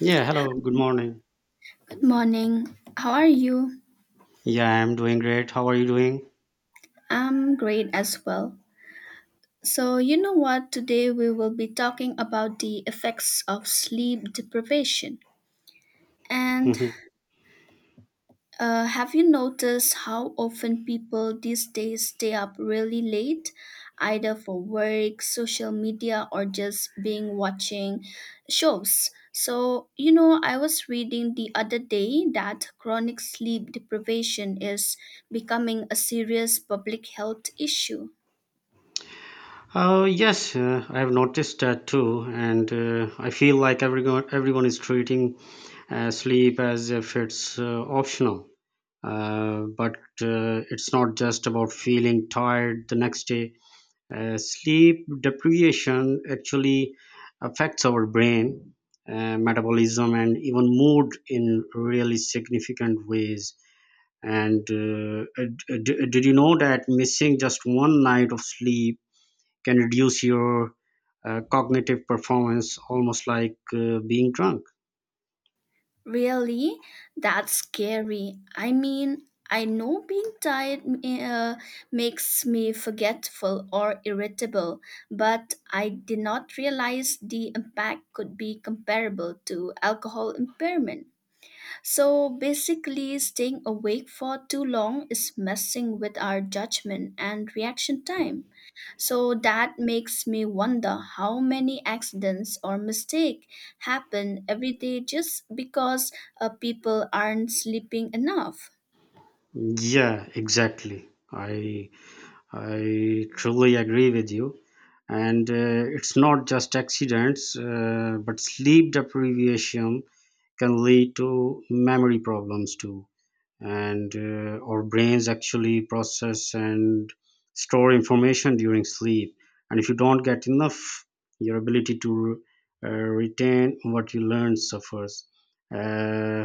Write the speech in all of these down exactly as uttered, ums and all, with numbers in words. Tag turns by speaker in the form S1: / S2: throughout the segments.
S1: Yeah, hello, good morning.
S2: Morning. How are you?
S1: Yeah, I'm doing great. How are you doing?
S2: I'm great as well. So, you know what? Today we will be talking about the effects of sleep deprivation. And Uh, have you noticed how often people these days stay up really late, either for work, social media, or just being watching shows? So, you know, I was reading the other day that chronic sleep deprivation is becoming a serious public health issue.
S1: Oh, yes, uh, I have noticed that too, and uh, I feel like everyone everyone is treating uh, sleep as if it's uh, optional. Uh, but uh, it's not just about feeling tired the next day. Uh, sleep deprivation actually affects our brain, uh, metabolism, and even mood in really significant ways. And uh, d- d- did you know that missing just one night of sleep can reduce your uh, cognitive performance almost like uh, being drunk?
S2: Really? That's scary. I mean, I know being tired eh, uh, makes me forgetful or irritable, but I did not realize the impact could be comparable to alcohol impairment. So basically, staying awake for too long is messing with our judgment and reaction time. So that makes me wonder how many accidents or mistakes happen every day just because uh, people aren't sleeping enough.
S1: Yeah, exactly. I I truly agree with you. And uh, it's not just accidents, uh, but sleep deprivation can lead to memory problems too. And uh, our brains actually process and store information during sleep, and if you don't get enough, your ability to uh, retain what you learn suffers. uh,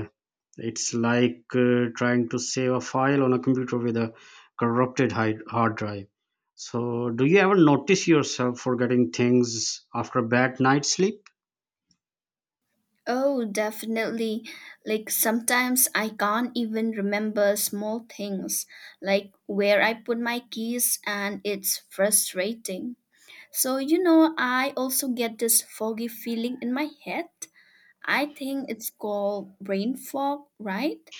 S1: it's like uh, trying to save a file on a computer with a corrupted hide- hard drive. So do you ever notice yourself forgetting things after a bad night's sleep?
S2: Oh, definitely. Like sometimes I can't even remember small things, like where I put my keys, and it's frustrating. So, you know, I also get this foggy feeling in my head. I think it's called brain fog, right?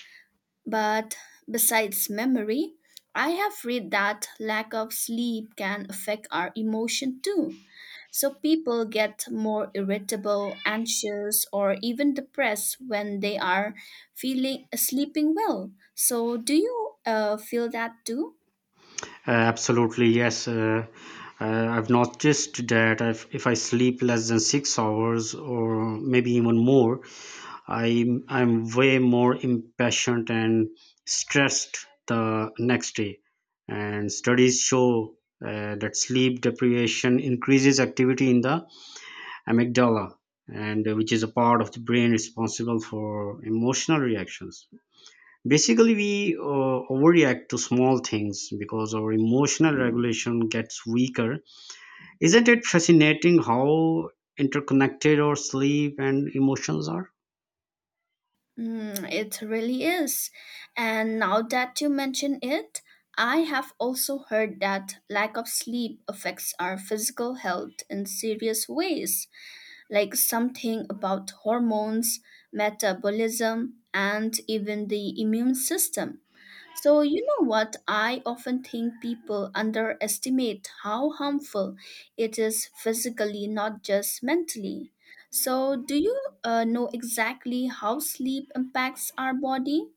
S2: But besides memory, I have read that lack of sleep can affect our emotion too. So, people get more irritable, anxious, or even depressed when they are feeling sleeping well. So, do you uh, feel that too?
S1: Absolutely, yes. Uh, uh, I've noticed that if, if I sleep less than six hours or maybe even more, I I'm way more impatient and stressed the next day. And studies show uh, that sleep deprivation increases activity in the amygdala, and uh, which is a part of the brain responsible for emotional reactions. Basically, we uh, overreact to small things because our emotional regulation gets weaker. Isn't it fascinating how interconnected our sleep and emotions are?
S2: Mm, it really is. And now that you mention it, I have also heard that lack of sleep affects our physical health in serious ways, like something about hormones, metabolism, and even the immune system. So, you know what? I often think people underestimate how harmful it is physically, not just mentally. So, do you uh, know exactly how sleep impacts our body?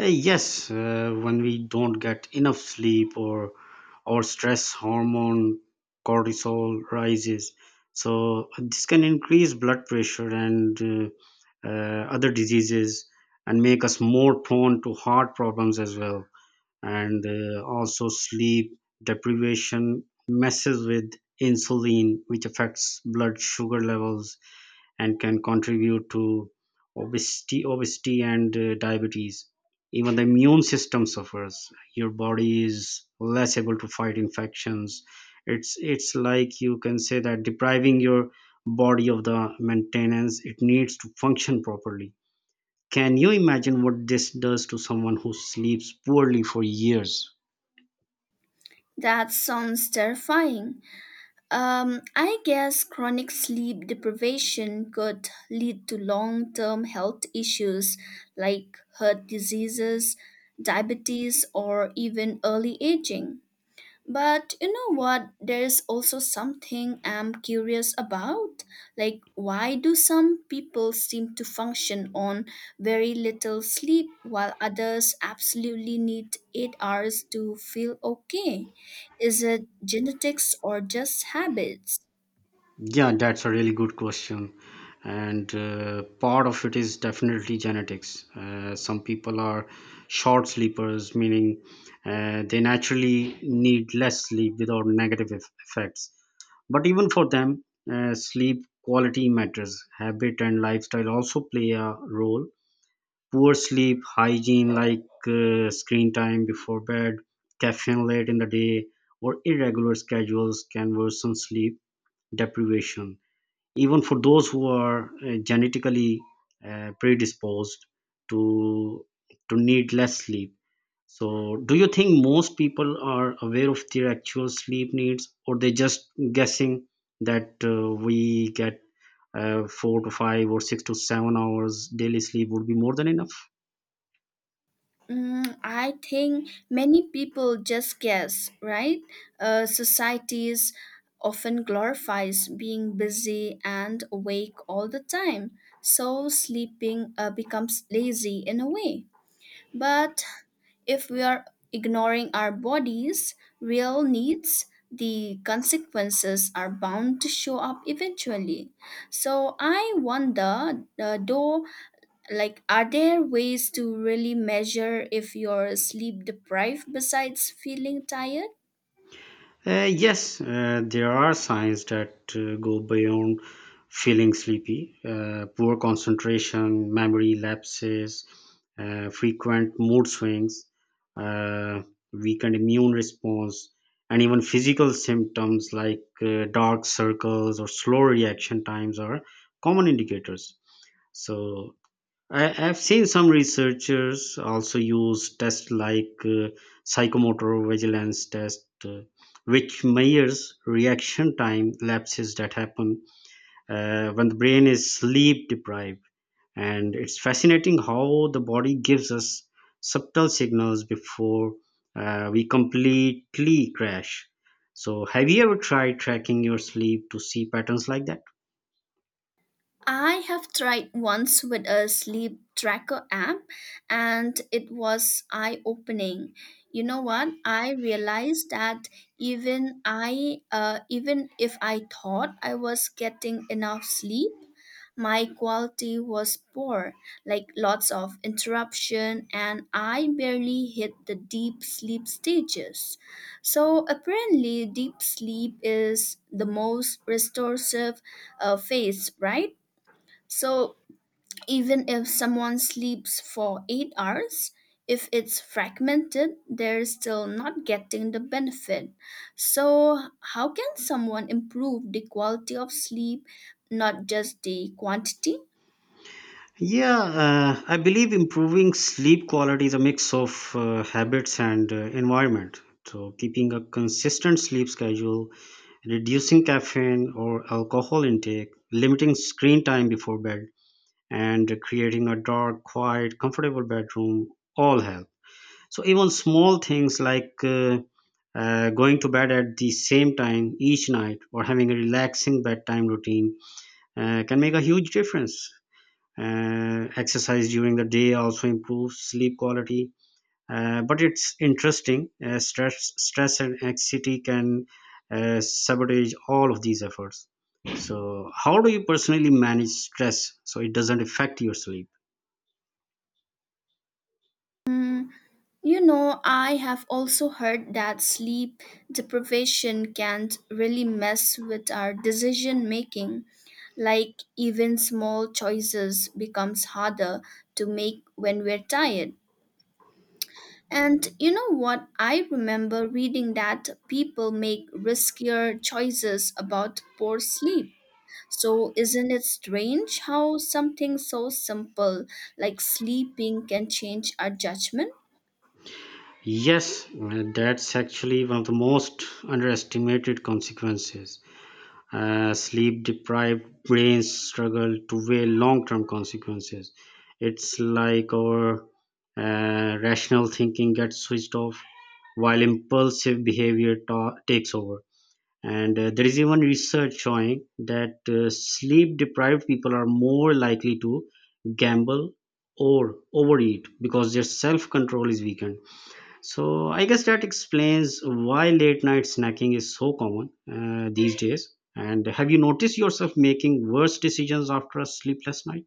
S1: Uh, yes, uh, when we don't get enough sleep, or our stress hormone cortisol rises, so this can increase blood pressure and uh, uh, other diseases, and make us more prone to heart problems as well. And uh, also, sleep deprivation messes with insulin, which affects blood sugar levels and can contribute to obesity obesity and uh, diabetes. Even the immune system suffers; your body is less able to fight infections. It's it's like you can say that depriving your body of the maintenance it needs to function properly. Can you imagine what this does to someone who sleeps poorly for years?
S2: That sounds terrifying. Um, I guess chronic sleep deprivation could lead to long term health issues like heart diseases, diabetes, or even early aging. But you know what? There's also something I'm curious about. Like, why do some people seem to function on very little sleep while others absolutely need eight hours to feel okay? Is it genetics or just habits?
S1: Yeah, that's a really good question. And uh, part of it is definitely genetics. Uh, some people are short sleepers, meaning uh, they naturally need less sleep without negative eff- effects. But even for them, uh, sleep quality matters. Habit and lifestyle also play a role. Poor sleep hygiene, like uh, screen time before bed, caffeine late in the day, or irregular schedules can worsen sleep deprivation, even for those who are uh, genetically uh, predisposed to to need less sleep. So do you think most people are aware of their actual sleep needs, or they just guessing that uh, we get uh, four to five or six to seven hours daily sleep would be more than enough?
S2: Mm, I think many people just guess, right? Uh, societies often glorifies being busy and awake all the time, so sleeping uh, becomes lazy in a way. But if we are ignoring our bodies, real needs, the consequences are bound to show up eventually. So I wonder, uh, though, like, are there ways to really measure if you're sleep deprived besides feeling tired?
S1: Uh, yes, uh, there are signs that uh, go beyond feeling sleepy. Uh, poor concentration, memory lapses, uh, frequent mood swings, uh, weakened immune response, and even physical symptoms like uh, dark circles or slow reaction times are common indicators. So, I have seen some researchers also use tests like uh, psychomotor vigilance test, uh, which measures reaction time lapses that happen uh, when the brain is sleep deprived. And it's fascinating how the body gives us subtle signals before uh, we completely crash. So, have you ever tried tracking your sleep to see patterns like that?
S2: I have tried once with a sleep tracker app, and it was eye opening. You know what? I realized that even i uh, even if I thought I was getting enough sleep, my quality was poor, like lots of interruption, and I barely hit the deep sleep stages. So apparently, deep sleep is the most restorative uh, phase, right? So even if someone sleeps for eight hours, if it's fragmented, they're still not getting the benefit. So, how can someone improve the quality of sleep, not just the quantity?
S1: Yeah, uh, I believe improving sleep quality is a mix of uh, habits and uh, environment. So, keeping a consistent sleep schedule, reducing caffeine or alcohol intake, limiting screen time before bed, and creating a dark, quiet, comfortable bedroom all help. So, even small things like uh, uh, going to bed at the same time each night or having a relaxing bedtime routine uh, can make a huge difference. Uh, exercise during the day also improves sleep quality. Uh, but it's interesting, uh, stress stress and anxiety can uh, sabotage all of these efforts. So how do you personally manage stress so it doesn't affect your sleep?
S2: You know, I have also heard that sleep deprivation can really mess with our decision making. Like even small choices becomes harder to make when we're tired. And you know what? I remember reading that people make riskier choices about poor sleep. So, isn't it strange how something so simple like sleeping can change our judgment?
S1: Yes, uh, that's actually one of the most underestimated consequences. Uh, sleep deprived brains struggle to weigh long term consequences. It's like our uh, rational thinking gets switched off while impulsive behavior ta- takes over. And uh, there is even research showing that uh, sleep deprived people are more likely to gamble or overeat because their self control is weakened. So I guess that explains why late night snacking is so common uh, these days. And have you noticed yourself making worse decisions after a sleepless night?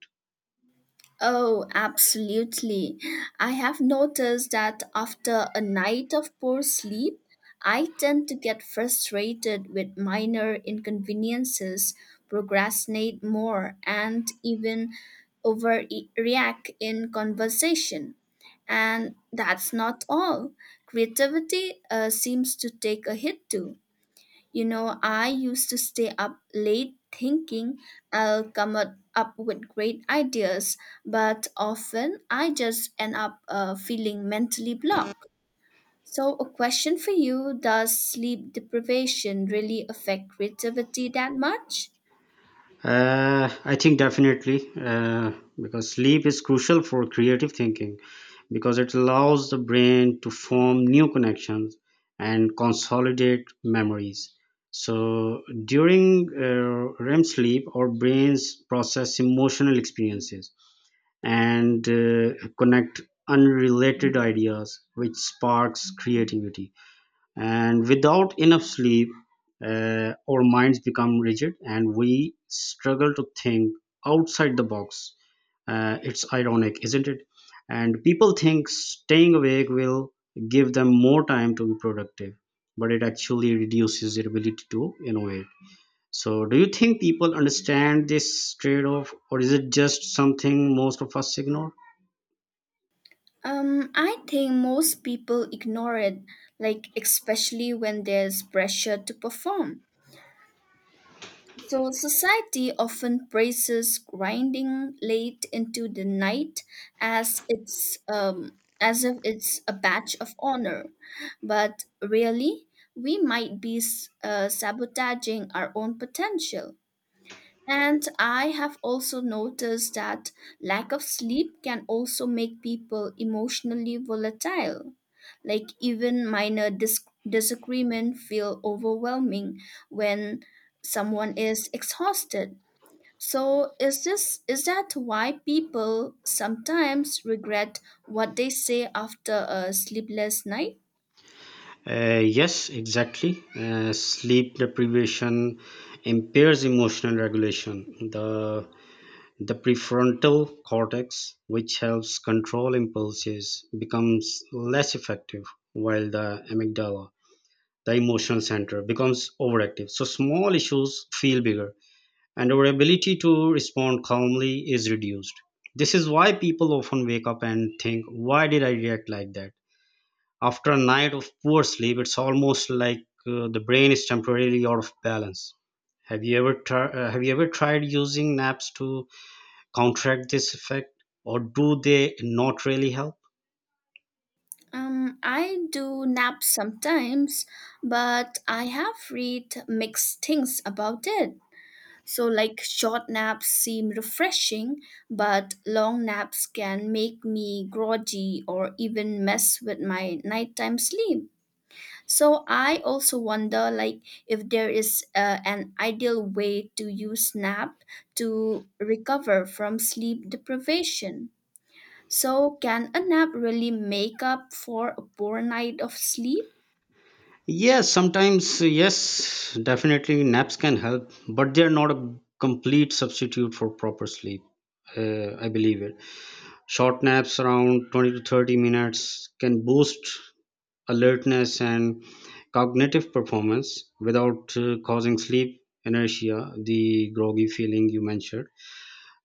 S2: Oh, absolutely. I have noticed that after a night of poor sleep, I tend to get frustrated with minor inconveniences, procrastinate more, and even overreact in conversation. And that's not all. Creativity uh, seems to take a hit too. You know, I used to stay up late thinking I'll come up up with great ideas, but often I just end up uh, feeling mentally blocked. So, a question for you: does sleep deprivation really affect creativity that much?
S1: Uh, I think definitely, uh, because sleep is crucial for creative thinking, because it allows the brain to form new connections and consolidate memories. So during uh, R E M sleep, our brains process emotional experiences and uh, connect unrelated ideas, which sparks creativity. And without enough sleep, uh, our minds become rigid and we struggle to think outside the box. Uh, it's ironic, isn't it? And people think staying awake will give them more time to be productive, but it actually reduces their ability to innovate. So, do you think people understand this trade off, or is it just something most of us ignore?
S2: Um, I think most people ignore it, like, especially when there's pressure to perform. So, society often praises grinding late into the night as it's um, as if it's a badge of honor, but really, we might be s- uh, sabotaging our own potential. And I have also noticed that lack of sleep can also make people emotionally volatile. Like even minor dis- disagreement feel overwhelming when someone is exhausted. So is this is that why people sometimes regret what they say after a sleepless night?
S1: Uh, yes, exactly. Uh, sleep deprivation impairs emotional regulation. The the prefrontal cortex, which helps control impulses, becomes less effective, while the amygdala, the emotional center, becomes overactive. So small issues feel bigger, and our ability to respond calmly is reduced. This is why people often wake up and think, "Why did I react like that?" after a night of poor sleep. It's almost like uh, the brain is temporarily out of balance. Have you ever tr- uh, have you ever tried using naps to counteract this effect, or do they not really help?
S2: Um, I do nap sometimes, but I have read mixed things about it. So, like, short naps seem refreshing, but long naps can make me groggy or even mess with my nighttime sleep. So, I also wonder, like, if there is uh, an ideal way to use nap to recover from sleep deprivation. So, can a nap really make up for a poor night of sleep?
S1: Yes, sometimes. Yes, definitely, naps can help, but they are not a complete substitute for proper sleep. uh, I believe it. Short naps around twenty to thirty minutes can boost alertness and cognitive performance without uh, causing sleep inertia, the groggy feeling you mentioned.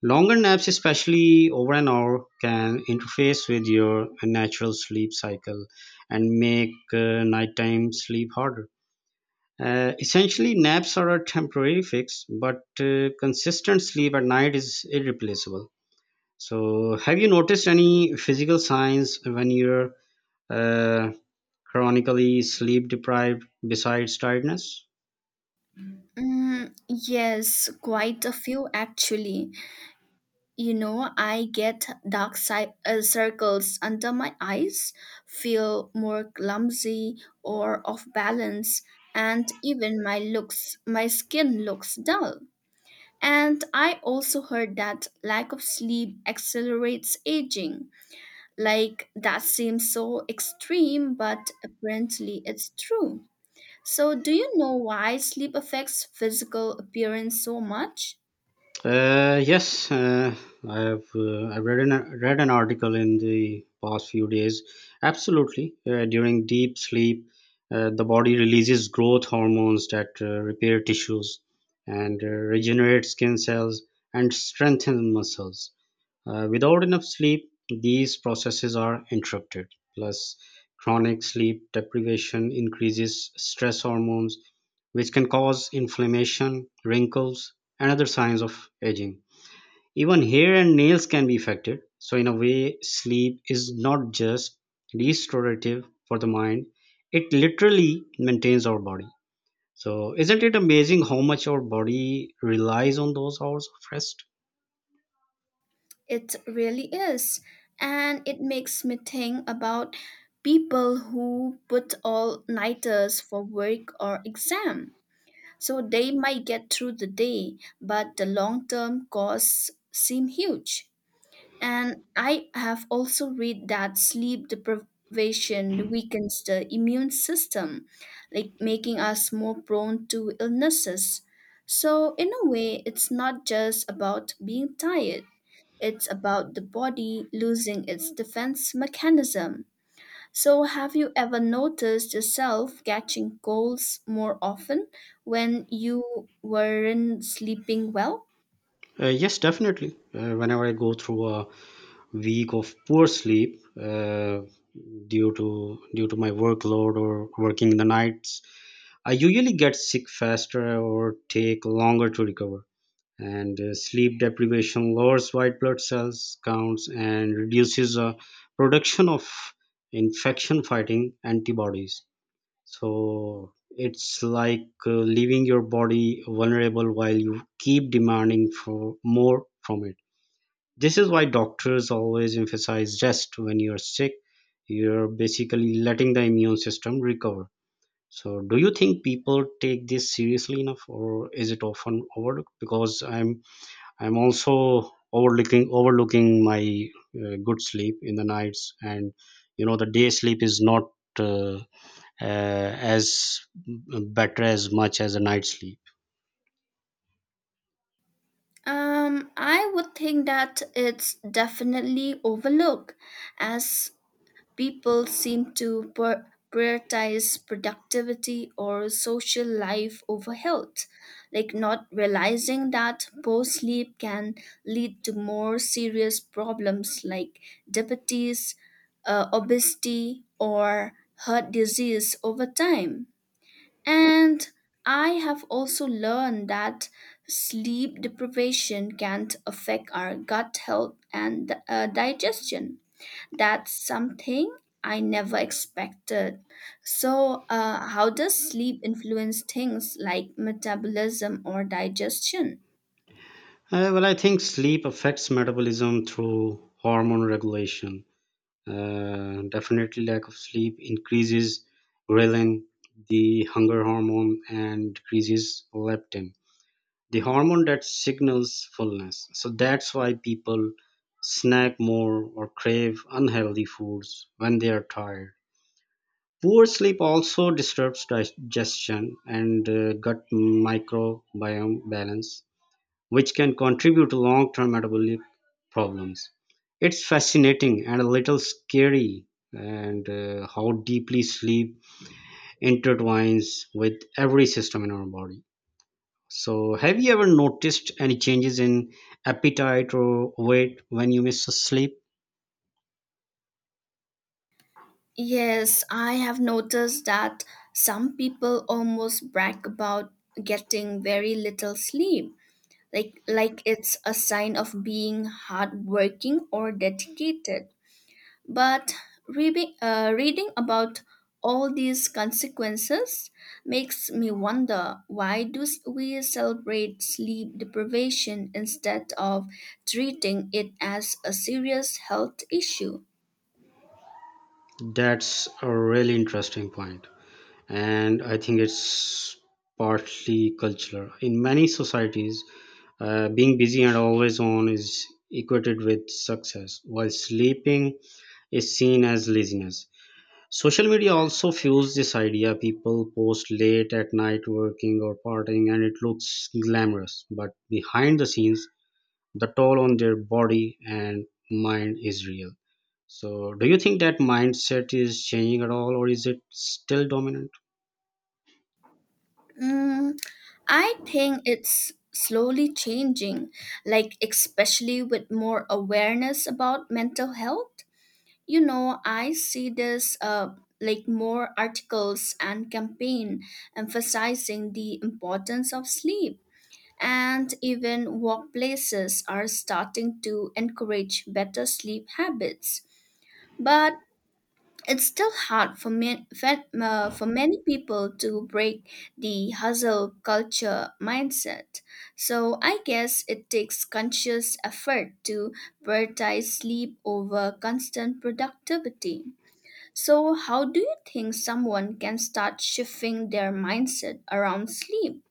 S1: Longer naps, especially over an hour, can interface with your natural sleep cycle and make uh, nighttime sleep harder. Uh, essentially, naps are a temporary fix, but uh, consistent sleep at night is irreplaceable. So, have you noticed any physical signs when you're uh, chronically sleep deprived besides tiredness?
S2: Mm, yes, quite a few actually. You know, I get dark side, uh, circles under my eyes, feel more clumsy or off balance, and even my looks, my skin looks dull. And I also heard that lack of sleep accelerates aging. Like that seems so extreme, but apparently it's true. So, do you know why sleep affects physical appearance so much?
S1: Uh, yes, uh, I have. Uh, I read an read an article in the past few days. Absolutely, uh, during deep sleep, uh, the body releases growth hormones that uh, repair tissues and uh, regenerate skin cells and strengthen muscles. Uh, without enough sleep, these processes are interrupted. Plus, chronic sleep deprivation increases stress hormones, which can cause inflammation, wrinkles, and other signs of aging. Even hair and nails can be affected. So, in a way, sleep is not just restorative for the mind, it literally maintains our body. So, isn't it amazing how much our body relies on those hours of rest?
S2: It really is. And it makes me think about people who put all nighters for work or exam. So they might get through the day, but the long term costs seem huge. And I have also read that sleep deprivation weakens the immune system, like making us more prone to illnesses. So, in a way, it's not just about being tired, it's about the body losing its defense mechanism. So, have you ever noticed yourself catching colds more often when you weren't sleeping well?
S1: Uh, yes, definitely. Uh, whenever I go through a week of poor sleep uh, due to due to my workload or working the nights, I usually get sick faster or take longer to recover. And uh, sleep deprivation lowers white blood cells counts and reduces uh, production of infection fighting antibodies. So it's like uh, leaving your body vulnerable while you keep demanding for more from it. This is why doctors always emphasize rest when you're sick. You're basically letting the immune system recover. So, do you think people take this seriously enough, or is it often overlooked? Because I'm I'm also overlooking overlooking my uh, good sleep in the nights, and you know the day sleep is not uh, uh, as better as much as a night sleep.
S2: Um, I would think that it's definitely overlooked, as people seem to pri- prioritize productivity or social life over health, like not realizing that poor sleep can lead to more serious problems like diabetes, uh, obesity, or heart disease over time. And I have also learned that sleep deprivation can affect our gut health and uh, digestion. That's something I never expected. So, uh, how does sleep influence things like metabolism or digestion?
S1: Uh, well, I think sleep affects metabolism through hormone regulation. Uh, definitely, lack of sleep increases ghrelin, the hunger hormone, and decreases leptin, the hormone that signals fullness. So that's why people snack more or crave unhealthy foods when they are tired. Poor sleep also disturbs digestion and uh, gut microbiome balance, which can contribute to long-term metabolic problems. It's fascinating and a little scary, and uh, how deeply sleep intertwines with every system in our body. So, have you ever noticed any changes in appetite or weight when you miss a sleep?
S2: Yes, I have noticed that some people almost brag about getting very little sleep, like like it's a sign of being hardworking or dedicated. But reading, uh, reading about all these consequences makes me wonder, why do s- we celebrate sleep deprivation instead of treating it as a serious health issue?
S1: That's a really interesting point, and I think it's partly cultural. In many societies, Uh, being busy and always on is equated with success, while sleeping is seen as laziness. Social media also fuels this idea. People post late at night working or partying, and it looks glamorous. But behind the scenes, the toll on their body and mind is real. So, do you think that mindset is changing at all, or is it still dominant?
S2: Mm, I think it's slowly changing, like especially with more awareness about mental health. You know, I see this uh, like more articles and campaign emphasizing the importance of sleep, and even workplaces are starting to encourage better sleep habits. But it's still hard for, ma- fa- uh, for many people to break the hustle culture mindset. So I guess it takes conscious effort to prioritize sleep over constant productivity. So, how do you think someone can start shifting their mindset around sleep?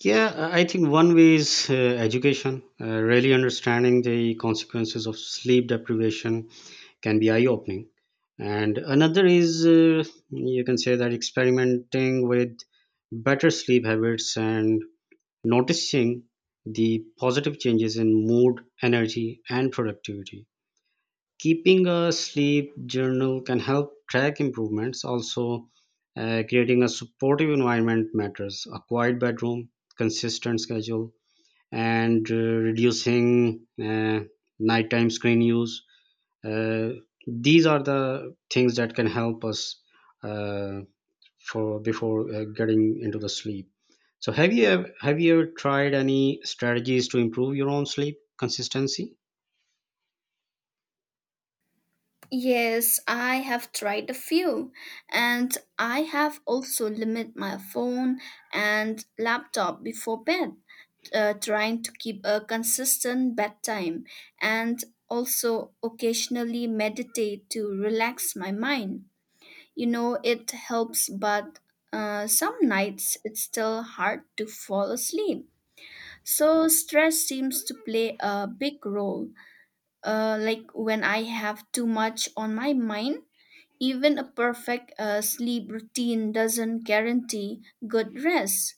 S1: Yeah, I I think one way is uh, education. Uh, really understanding the consequences of sleep deprivation can be eye opening. And another is uh, you can say that experimenting with better sleep habits and noticing the positive changes in mood, energy, and productivity. Keeping a sleep journal can help track improvements. Also, uh, creating a supportive environment matters. A quiet bedroom, consistent schedule, and uh, reducing uh, nighttime screen use. Uh, these are the things that can help us uh, for before uh, getting into the sleep. So, have you ever, have you ever tried any strategies to improve your own sleep consistency?
S2: Yes, I have tried a few, and I have also limit my phone and laptop before bed, uh, trying to keep a consistent bedtime, and also occasionally meditate to relax my mind. You know, it helps, but uh, some nights it's still hard to fall asleep. So stress seems to play a big role. Uh, like when I have too much on my mind, even a perfect uh, sleep routine doesn't guarantee good rest.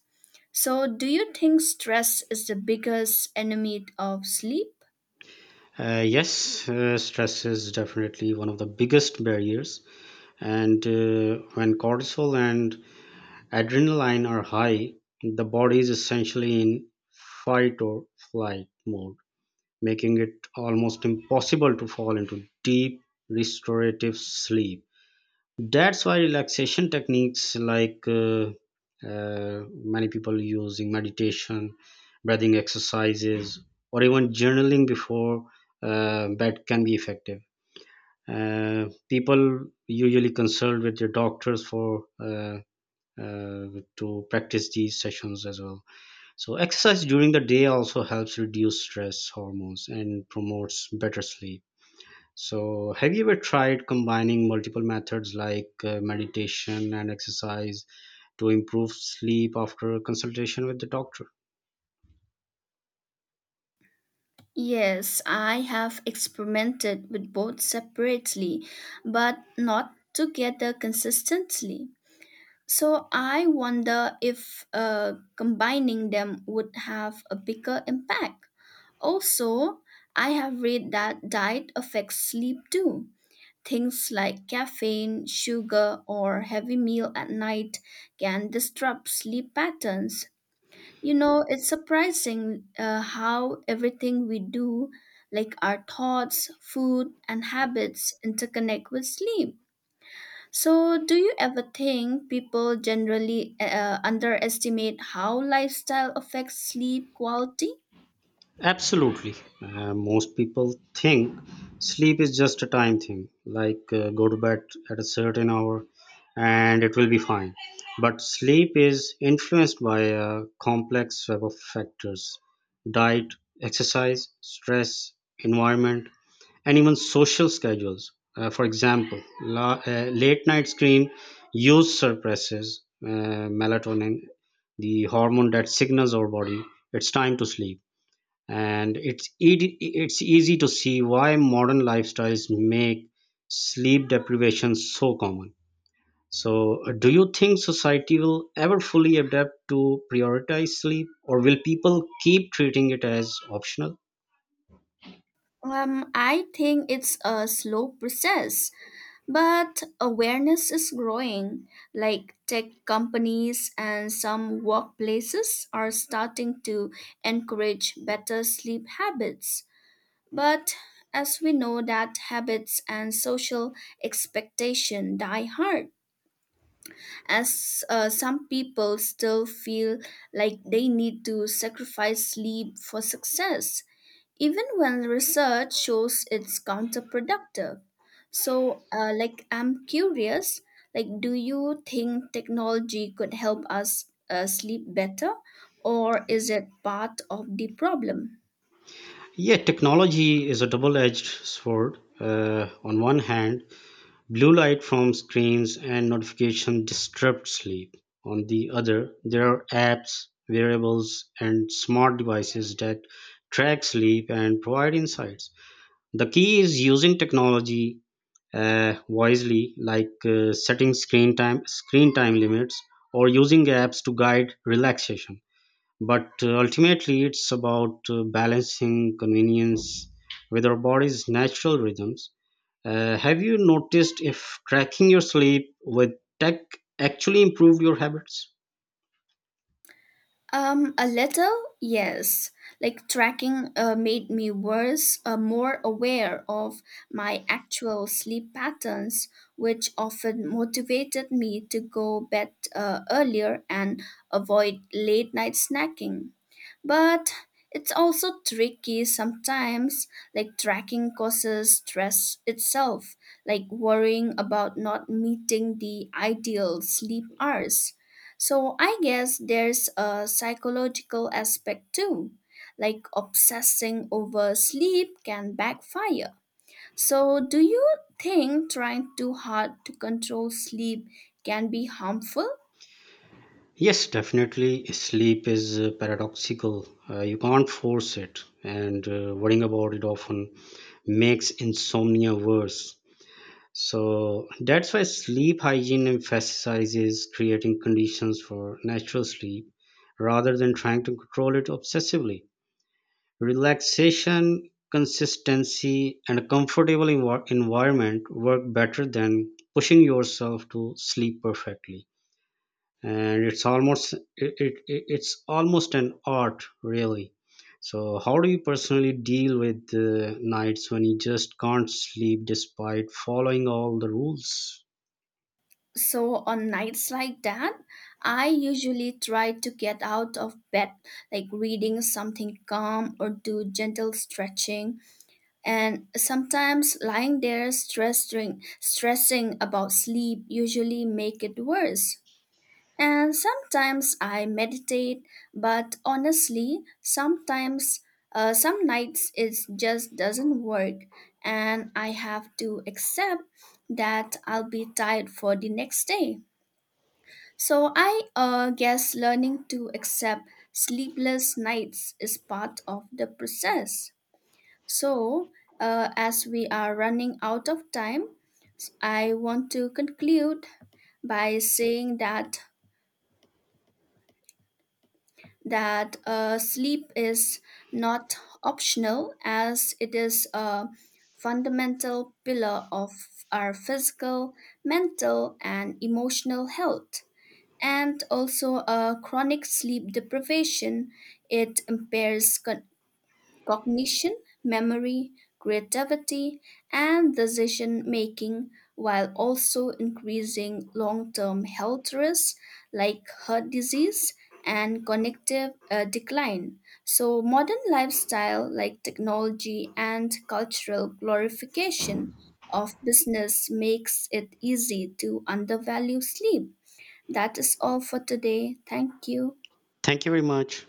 S2: So, do you think stress is the biggest enemy of sleep?
S1: Uh, yes, uh, stress is definitely one of the biggest barriers. And uh, when cortisol and adrenaline are high, the body is essentially in fight or flight mode, making it almost impossible to fall into deep restorative sleep. That's why relaxation techniques like uh, uh, many people using meditation, breathing exercises, or even journaling before uh, bed can be effective. Uh, people usually consult with their doctors for uh, uh, to practice these sessions as well. So exercise during the day also helps reduce stress hormones and promotes better sleep. So have you ever tried combining multiple methods like uh, meditation and exercise to improve sleep after a consultation with the doctor?
S2: Yes, I have experimented with both separately, but not together consistently. So I wonder if uh, combining them would have a bigger impact. Also, I have read that diet affects sleep too. Things like caffeine, sugar, or heavy meal at night can disrupt sleep patterns. You know, it's surprising uh, how everything we do, like our thoughts, food, and habits, interconnect with sleep. So, do you ever think people generally uh, underestimate how lifestyle affects sleep quality?
S1: Absolutely. Uh, most people think sleep is just a time thing, like uh, go to bed at a certain hour and it will be fine. But sleep is influenced by a complex web of factors: diet, exercise, stress, environment, and even social schedules. Uh, for example, la- uh, late night screen use suppresses uh, melatonin, the hormone that signals our body it's time to sleep. And it's ed- it's easy to see why modern lifestyles make sleep deprivation so common. So uh, do you think society will ever fully adapt to prioritize sleep, or will people keep treating it as optional?
S2: Um, I think it's a slow process, but awareness is growing. Like tech companies and some workplaces are starting to encourage better sleep habits. But as we know that habits and social expectation die hard. As uh, some people still feel like they need to sacrifice sleep for success, even when research shows it's counterproductive. So, uh, like, I'm curious, like, do you think technology could help us uh, sleep better, or is it part of the problem?
S1: Yeah, technology is a double edged sword. Uh, on one hand, blue light from screens and notifications disrupt sleep. On the other, there are apps, wearables, and smart devices that track sleep and provide insights. The key is using technology uh, wisely, like uh, setting screen time screen time limits or using apps to guide relaxation. But uh, ultimately, it's about uh, balancing convenience with our body's natural rhythms. Uh, have you noticed if tracking your sleep with tech actually improved your habits?
S2: Um, a little, yes. Like tracking uh, made me worse, uh, more aware of my actual sleep patterns, which often motivated me to go bed uh, earlier and avoid late night snacking. But it's also tricky sometimes, like tracking causes stress itself, like worrying about not meeting the ideal sleep hours. So I guess there's a psychological aspect too, like obsessing over sleep can backfire. So, do you think trying too hard to control sleep can be harmful?
S1: Yes, definitely. Sleep is uh, paradoxical. Uh, you can't force it, and uh, worrying about it often makes insomnia worse. So that's why sleep hygiene emphasizes creating conditions for natural sleep rather than trying to control it obsessively. Relaxation, consistency, and a comfortable envi- environment work better than pushing yourself to sleep perfectly. And it's almost it, it, it- it's almost an art, really. So, how do you personally deal with uh, nights when you just can't sleep despite following all the rules?
S2: So on nights like that, I usually try to get out of bed, like reading something calm or do gentle stretching. And sometimes lying there stressing, stressing about sleep usually make it worse. And sometimes I meditate, but honestly, sometimes uh, some nights it just doesn't work, and I have to accept that I'll be tired for the next day. So I uh, guess learning to accept sleepless nights is part of the process. So, uh, as we are running out of time, s- I want to conclude by saying that that uh, sleep is not optional, as it is a fundamental pillar of our physical, mental, and emotional health. And also a chronic sleep deprivation, it impairs co- cognition, memory, creativity, and decision making, while also increasing long-term health risks like heart disease and cognitive uh, decline. So modern lifestyle like technology and cultural glorification of business makes it easy to undervalue sleep. That is all for today. Thank you.
S1: Thank you very much.